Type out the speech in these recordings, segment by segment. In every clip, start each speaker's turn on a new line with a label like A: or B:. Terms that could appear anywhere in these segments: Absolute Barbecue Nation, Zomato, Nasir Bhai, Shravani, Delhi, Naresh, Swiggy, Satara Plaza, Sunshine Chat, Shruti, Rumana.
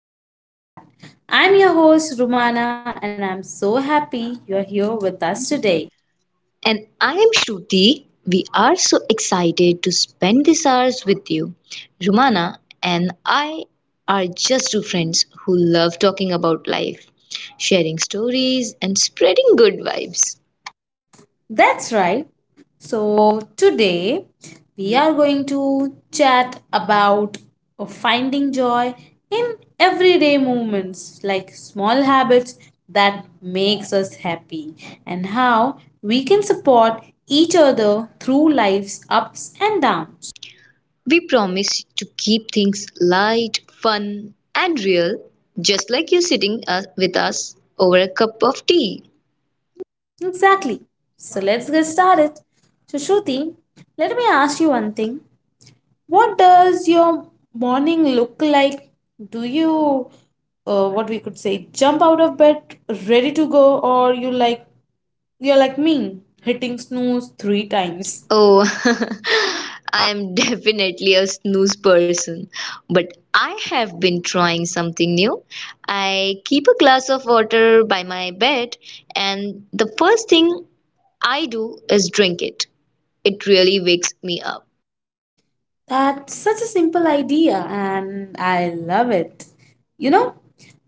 A: Sunshine Chat. I'm your host, Rumana, and I'm so happy you're here with us
B: Today.
A: today.
B: And I am Shruti. We are so excited to spend these hours with you. Rumana and I are just two friends who love talking about life, sharing stories, and spreading good vibes.
A: That's right. So, today we are going to chat about finding joy in everyday moments like small habits that makes us happy and how we can support each other through life's ups and downs.
B: We promise to keep things light, fun, and real, just like you sitting with us over a cup of tea.
A: Exactly. So let's get started. So, Shruti, let me ask you one thing. What does your morning look like? Do you, what we could say, jump out of bed ready to go, or you like you're like me, hitting snooze three times?
B: Oh, I'm definitely a snooze person, but I have been trying something new. I keep a glass of water by my bed, and the first thing I do is drink it. It really wakes me up.
A: That's such a simple idea, and I love it. You know,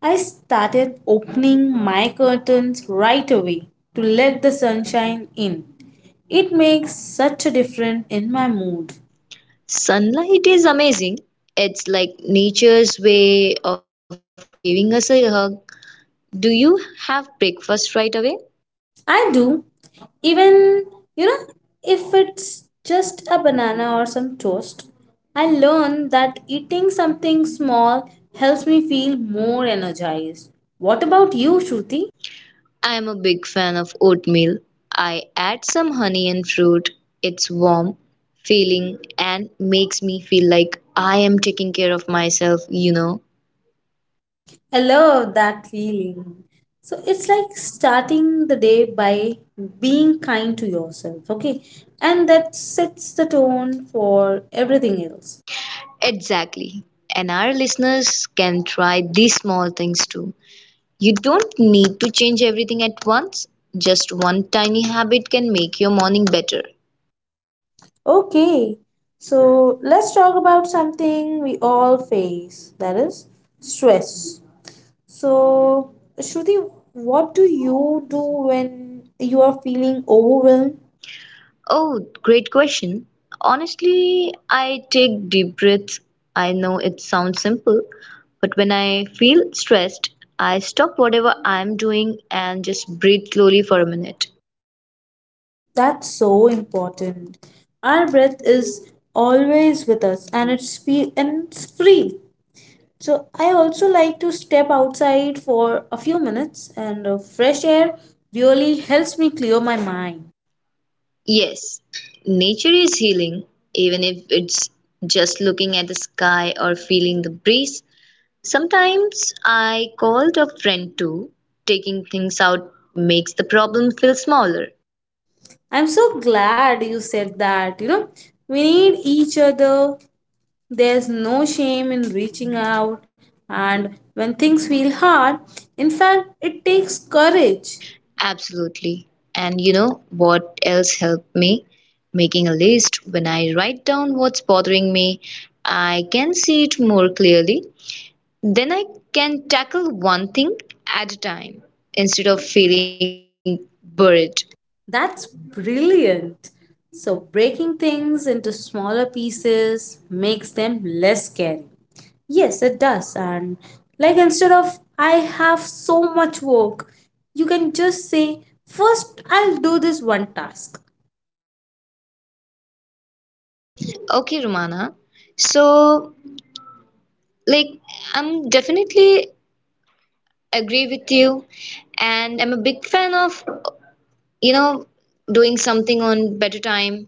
A: I started opening my curtains right away to let the sunshine in. It makes such a difference in my mood.
B: Sunlight is amazing. It's like nature's way of giving us a hug. Do you have breakfast right away?
A: I do, even, you know, if it's just a banana or some toast. I learned that eating something small helps me feel more energized. What about you, Shruti?
B: I'm a big fan of oatmeal. I add some honey and fruit. It's warm, feeling, and makes me feel like I am taking care of myself.
A: I love that feeling. So it's like starting the day by being kind to yourself, okay? And that sets the tone for everything else.
B: Exactly. And our listeners can try these small things too. You don't need to change everything at once. Just one tiny habit can make your morning better.
A: Okay, so let's talk about something we all face that is stress. So, Shruti, what do you do when you are feeling overwhelmed?
B: Oh, great question. Honestly, I take deep breaths. I know it sounds simple, but when I feel stressed, I stop whatever I'm doing and just breathe slowly for a minute.
A: That's so important. Our breath is always with us and it's free. So I also like to step outside for a few minutes and fresh air really helps me clear my mind.
B: Yes, nature is healing, even if it's just looking at the sky or feeling the breeze. Sometimes I called a friend too. Taking things out makes the problem feel smaller.
A: I'm so glad you said that. You know, we need each other. There's no shame in reaching out and when things feel hard, in fact, it takes courage.
B: Absolutely. And you know what else helped me? Making a list. When I write down what's bothering me, I can see it more clearly. Then I can tackle one thing at a time instead of feeling buried.
A: That's brilliant. So, breaking things into smaller pieces makes them less scary. Yes, it does. And like instead of I have so much work, you can just say, first I'll do this one task.
B: Okay, Romana. So, like, I'm definitely agree with you, and I'm a big fan of you know, doing something on better time.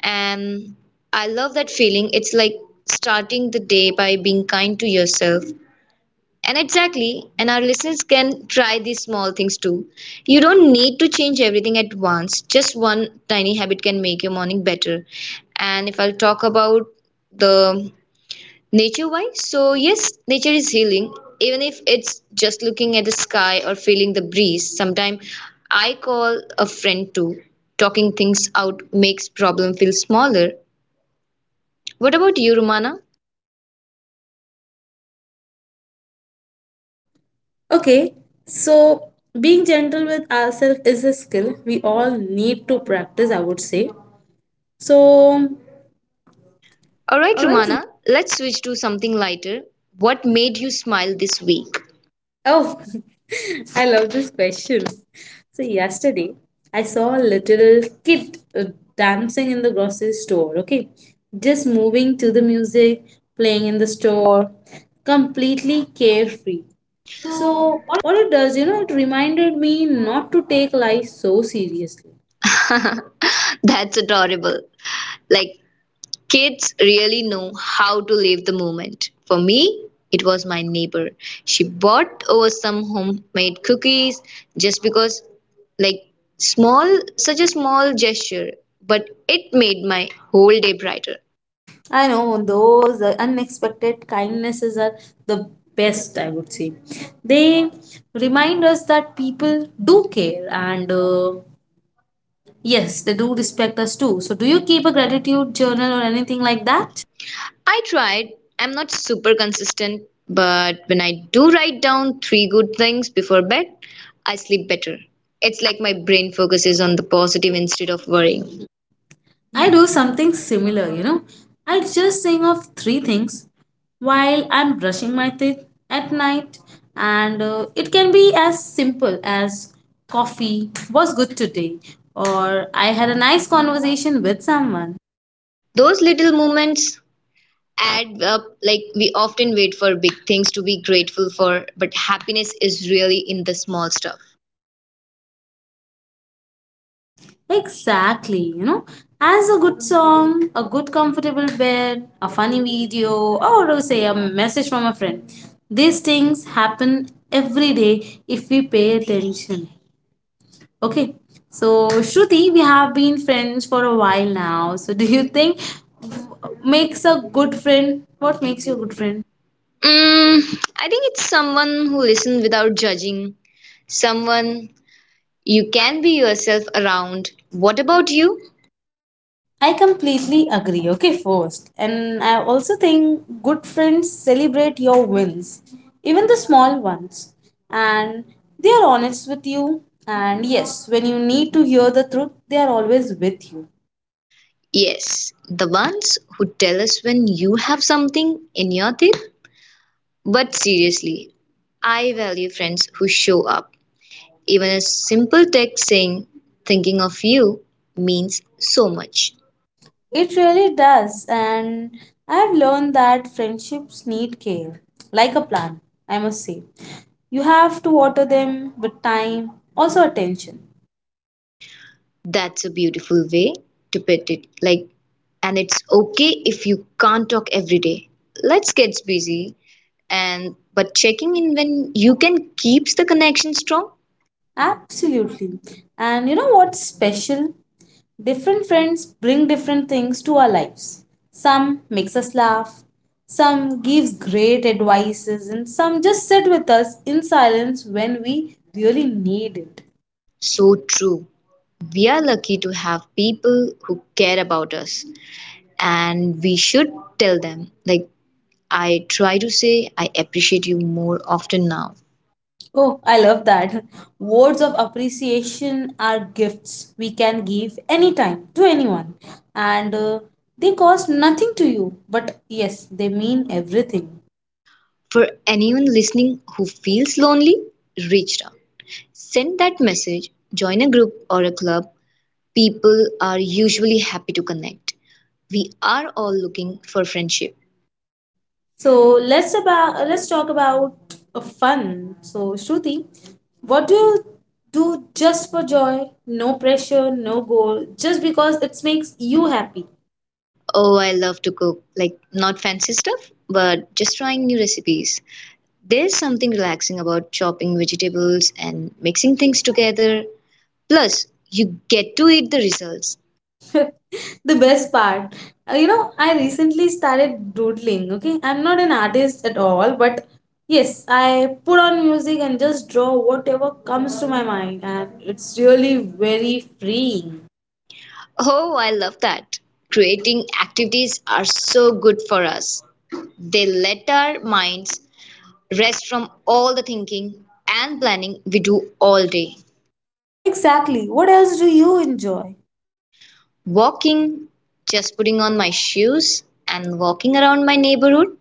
B: And I love that feeling. It's like starting the day by being kind to yourself. And exactly, and our listeners can try these small things too. You don't need to change everything at once. Just one tiny habit can make your morning better. And if I'll talk about the nature wise, so yes, nature is healing, even if it's just looking at the sky or feeling the breeze. Sometimes I call a friend too. Talking things out makes problem feel smaller. What about you, Romana?
A: Okay, so being gentle with ourselves is a skill we all need to practice, I would say. So,
B: All right,
A: all right,
B: Romana, let's switch to something lighter. What made you smile this week?
A: oh, I love this question. So, yesterday I saw a little kid dancing in the grocery store, okay? Just moving to the music, playing in the store, completely carefree. So, what it does, you know, it reminded me not to take life so seriously.
B: That's adorable. Like kids really know how to live the moment. For me, it was my neighbor. She bought over some homemade cookies just because, like, small, such a small gesture, but it made my whole day brighter.
A: I know those unexpected kindnesses are the best, I would say. They remind us that people do care and yes, they do respect us too. So, do you keep a gratitude journal or anything like that?
B: I tried. I'm not super consistent, but when I do write down three good things before bed, I sleep better. It's like my brain focuses on the positive instead of worrying.
A: I do something similar, you know. I just think of three things while I'm brushing my teeth at night, and it can be as simple as coffee was good today, or I had a nice conversation with someone.
B: Those little moments add up. Like, we often wait for big things to be grateful for, but happiness is really in the small stuff.
A: Exactly, you know, as a good song, a good comfortable bed, a funny video, or say a message from a friend. These things happen every day if we pay attention. Okay, so Shruti, we have been friends for a while now. So, do you think makes a good friend? What makes you a good friend?
B: Mm, I think it's someone who listens without judging, someone you can be yourself around. What about you?
A: I completely agree. Okay, first. And I also think good friends celebrate your wins, even the small ones. And they are honest with you. And yes, when you need to hear the truth, they are always with you.
B: Yes, the ones who tell us when you have something in your teeth. But seriously, I value friends who show up. Even a simple text saying thinking of you means so much.
A: It really does. And I have learned that friendships need care, like a plant, I must say. You have to water them with time, also attention.
B: That's a beautiful way to put it. Like, and it's okay if you can't talk every day. Let's get busy, and but checking in when you can keeps the connection strong.
A: Absolutely. And you know what's special? Different friends bring different things to our lives. Some makes us laugh, some gives great advices, and some just sit with us in silence when we really need it.
B: So true. We are lucky to have people who care about us and we should tell them. Like, I try to say I appreciate you more often now.
A: Oh, I love that. Words of appreciation are gifts we can give anytime to anyone, and they cost nothing to you, but yes, they mean everything.
B: For anyone listening who feels lonely, reach out. Send that message, join a group or a club. People are usually happy to connect. We are all looking for friendship.
A: So let's talk about fun. So Shruti, what do you do just for joy? No pressure, no goal, just because it makes you happy.
B: Oh, I love to cook. Like, not fancy stuff, but just trying new recipes. There's something relaxing about chopping vegetables and mixing things together. Plus, you get to eat the results.
A: The best part. You know, I recently started doodling, okay? I'm not an artist at all, but yes, I put on music and just draw whatever comes to my mind and it's really very freeing.
B: Oh, I love that. Creating activities are so good for us. They let our minds rest from all the thinking and planning we do all day.
A: Exactly. What else do you enjoy?
B: Walking, just putting on my shoes and walking around my neighborhood,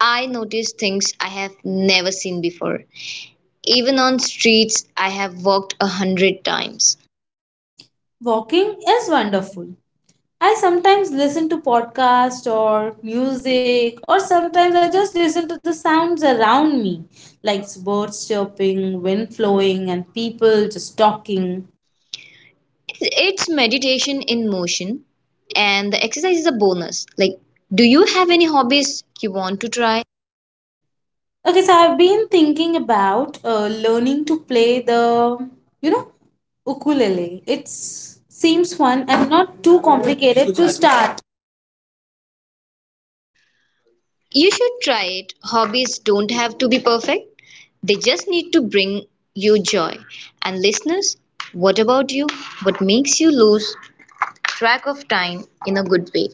B: I noticed things I have never seen before. Even on streets I have walked a hundred times.
A: Walking is wonderful. I sometimes listen to podcasts or music, or sometimes I just listen to the sounds around me, like birds chirping, wind flowing, and people just talking.
B: It's meditation in motion, and the exercise is a bonus. Like, do you have any hobbies you want to try?
A: Okay, so I've been thinking about learning to play the, you know, ukulele. It seems fun and not too complicated to start.
B: You should try it. Hobbies don't have to be perfect, they just need to bring you joy. And, listeners, what about you? What makes you lose track of time in a good way?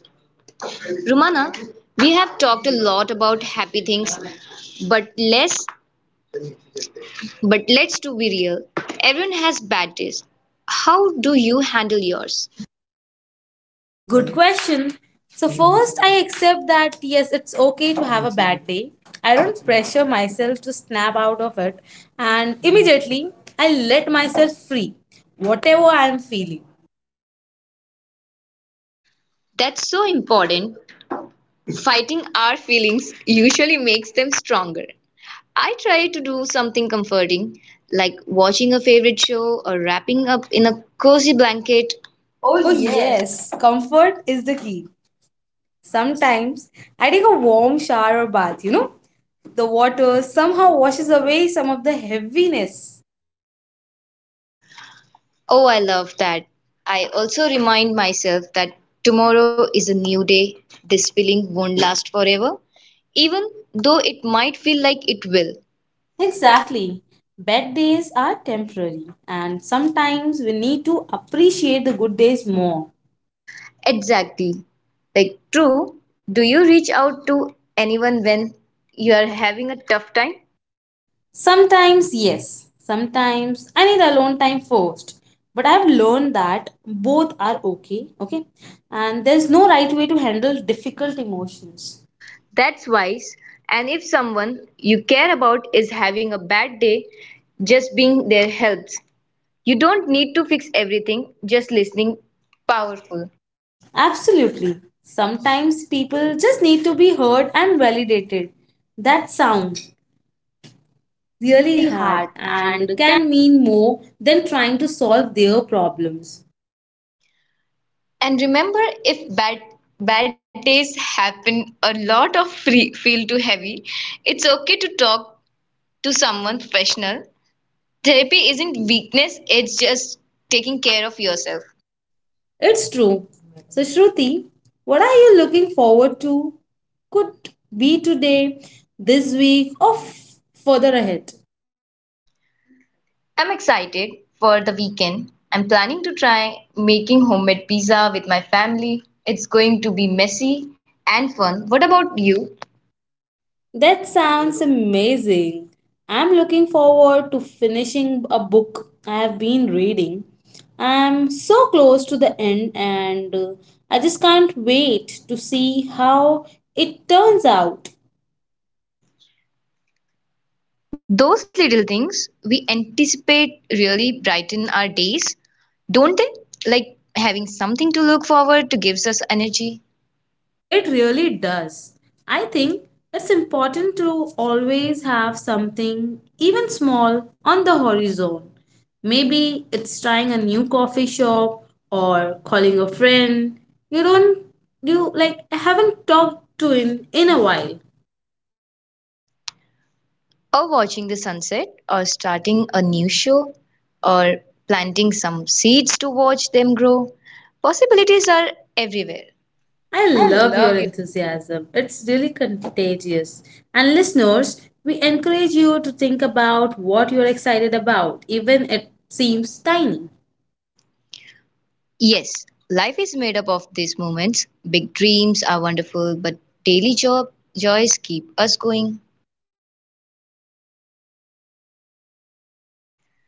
B: Rumana, we have talked a lot about happy things, but less but let's to be real. Everyone has bad days. How do you handle yours?
A: Good question. So, first, I accept that yes, it's okay to have a bad day. I don't pressure myself to snap out of it, and immediately I let myself free, whatever I'm feeling.
B: That's so important. Fighting our feelings usually makes them stronger. I try to do something comforting, like watching a favorite show or wrapping up in a cozy blanket.
A: Oh, yes, comfort is the key. Sometimes I take a warm shower or bath, you know, the water somehow washes away some of the heaviness.
B: Oh, I love that. I also remind myself that tomorrow is a new day. This feeling won't last forever, even though it might feel like it will.
A: Exactly. Bad days are temporary, and sometimes we need to appreciate the good days more.
B: Exactly. Like, true. Do you reach out to anyone when you are having a tough time?
A: Sometimes, yes. Sometimes I need alone time first. But I've learned that both are okay, okay? And there's no right way to handle difficult emotions.
B: That's wise. And if someone you care about is having a bad day, just being there helps. You don't need to fix everything, just listening powerful.
A: Absolutely. Sometimes people just need to be heard and validated. That sounds really
B: Really
A: hard
B: hard, and
A: and
B: can
A: can mean more than trying to solve their problems.
B: and remember, if bad days happen, a lot of free, feel too heavy. It's okay to talk to someone professional. Therapy isn't weakness; it's just taking care of yourself.
A: It's true. So, Shruti, what are you looking forward to? Could be today, this week, or further ahead.
B: I'm excited for the weekend. I'm planning to try making homemade pizza with my family. It's going to be messy and fun. What about you?
A: That sounds amazing. I'm looking forward to finishing a book I have been reading. I'm so close to the end, and I just can't wait to see how it turns out.
B: Those little things we anticipate really brighten our days, don't they? Like having something to look forward to gives us energy,
A: It really does. I think it's important to always have something, even small, on the horizon. Maybe it's trying a new coffee shop or calling a friend. You don't, you like, I haven't talked to in a while.
B: or watching the sunset, or starting a new show, or planting some seeds to watch them grow. Possibilities are everywhere.
A: I love your enthusiasm. It's really contagious. And listeners, we encourage you to think about what you're excited about, even it seems tiny.
B: Yes, life is made up of these moments. Big dreams are wonderful, but daily job joys keep us going.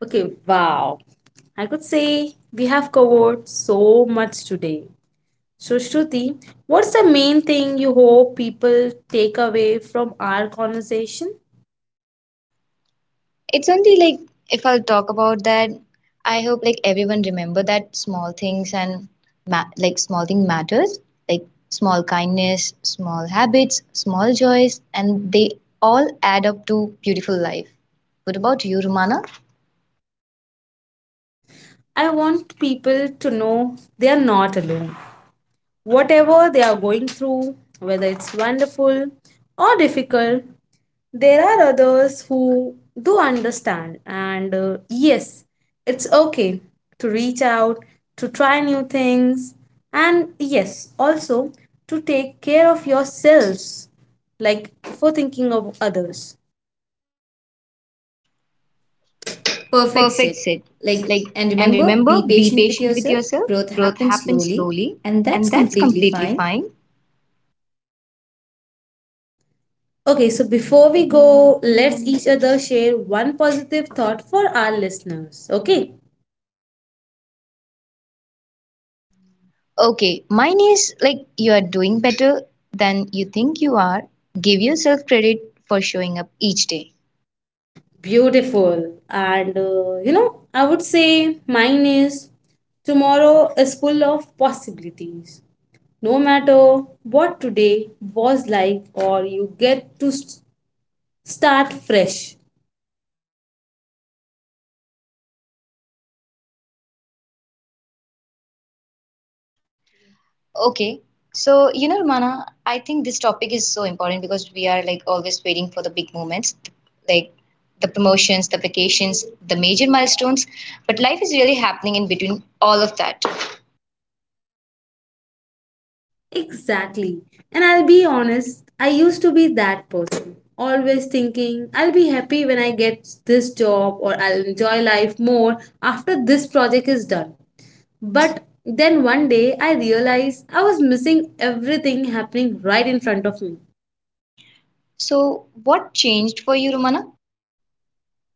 A: Okay, wow. I could say we have covered so much today. So, Shruti, what's the main thing you hope people take away from our conversation?
B: It's only like, if I'll talk about that, I hope like everyone remember that small things and like small thing matters, like small kindness, small habits, small joys, and they all add up to beautiful life. What about you, Romana?
A: I want people to know they are not alone. Whatever they are going through, whether it's wonderful or difficult, there are others who do understand, and yes, it's okay to reach out, to try new things, and yes, also to take care of yourselves, like for thinking of others. Perfect,
B: Perfect
A: Sid.
B: said.
A: Like,
B: Like,
A: and
B: and
A: remember,
B: remember,
A: be
B: be
A: patient with
B: patient with
A: yourself.
B: yourself.
A: Growth
B: Growth
A: happens
B: happens
A: slowly,
B: slowly,
A: and
B: and
A: that's
B: that's
A: completely
B: completely
A: fine.
B: fine.
A: Okay, so before we go, let's each other share one positive thought for our listeners. Okay.
B: Okay, mine is like you are doing better than you think you are. Give yourself credit for showing up each day.
A: Beautiful. And you know, I would say mine is tomorrow is full of possibilities. No matter what today was like, or you get to start fresh.
B: Okay. So, Romana, I think this topic is so important because we are like always waiting for the big moments, like the promotions, the vacations, the major milestones, but life is really happening in between all of that.
A: Exactly. And I'll be honest, I used to be that person, always thinking I'll be happy when I get this job or I'll enjoy life more after this project is done. But then one day I realized I was missing everything happening right in front of me.
B: So, what changed for you, Romana?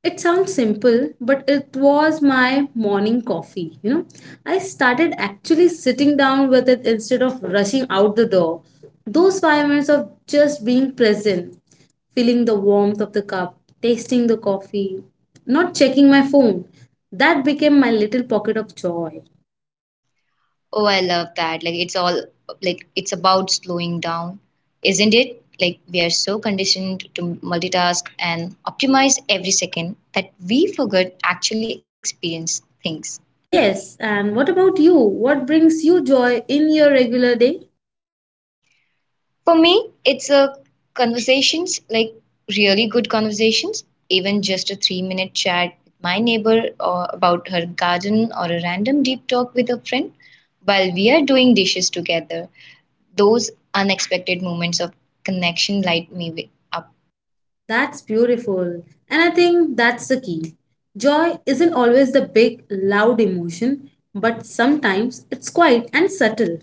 A: It sounds simple, but it was my morning coffee. You know, I started actually sitting down with it instead of rushing out the door. Those 5 minutes of just being present, feeling the warmth of the cup, tasting the coffee, not checking my phone, that became my little pocket of joy.
B: Oh, I love that. Like, it's all like it's about slowing down, isn't it? Like we are so conditioned to multitask and optimize every second that we forget actually experience things.
A: Yes, and what about you? What brings you joy in your regular day?
B: For me, it's a conversations, like really good conversations, even just a 3 minute chat with my neighbor or about her garden or a random deep talk with a friend while we are doing dishes together. Those unexpected moments of connection light me up.
A: That's beautiful. And I think that's the key. Joy isn't always the big, loud emotion, but sometimes it's quiet and subtle.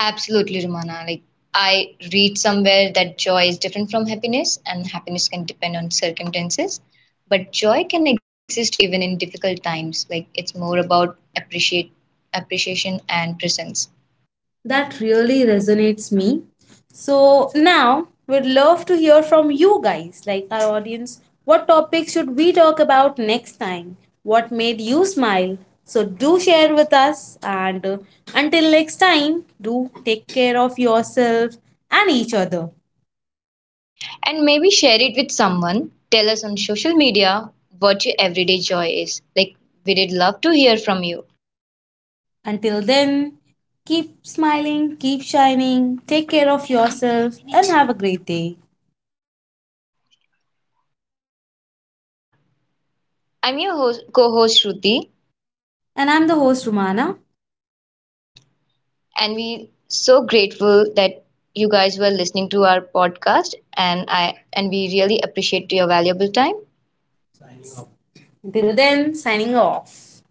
B: Absolutely, Romana. Like I read somewhere that joy is different from happiness, and happiness can depend on circumstances, but joy can exist even in difficult times. Like it's more about appreciate appreciation and presence.
A: That really resonates me. So now we'd love to hear from you guys, like our audience. What topic should we talk about next time? What made you smile? So do share with us and until next time, do take care of yourself and each other.
B: And maybe share it with someone. Tell us on social media what your everyday joy is. Like, we did love to hear from you.
A: Until then, keep smiling, keep shining, take care of yourself, and have a great day.
B: I'm your host, co-host Shruti.
A: And I'm the host, Romana.
B: And we so grateful that you guys were listening to our podcast and we really appreciate your valuable time.
A: Until then, signing off.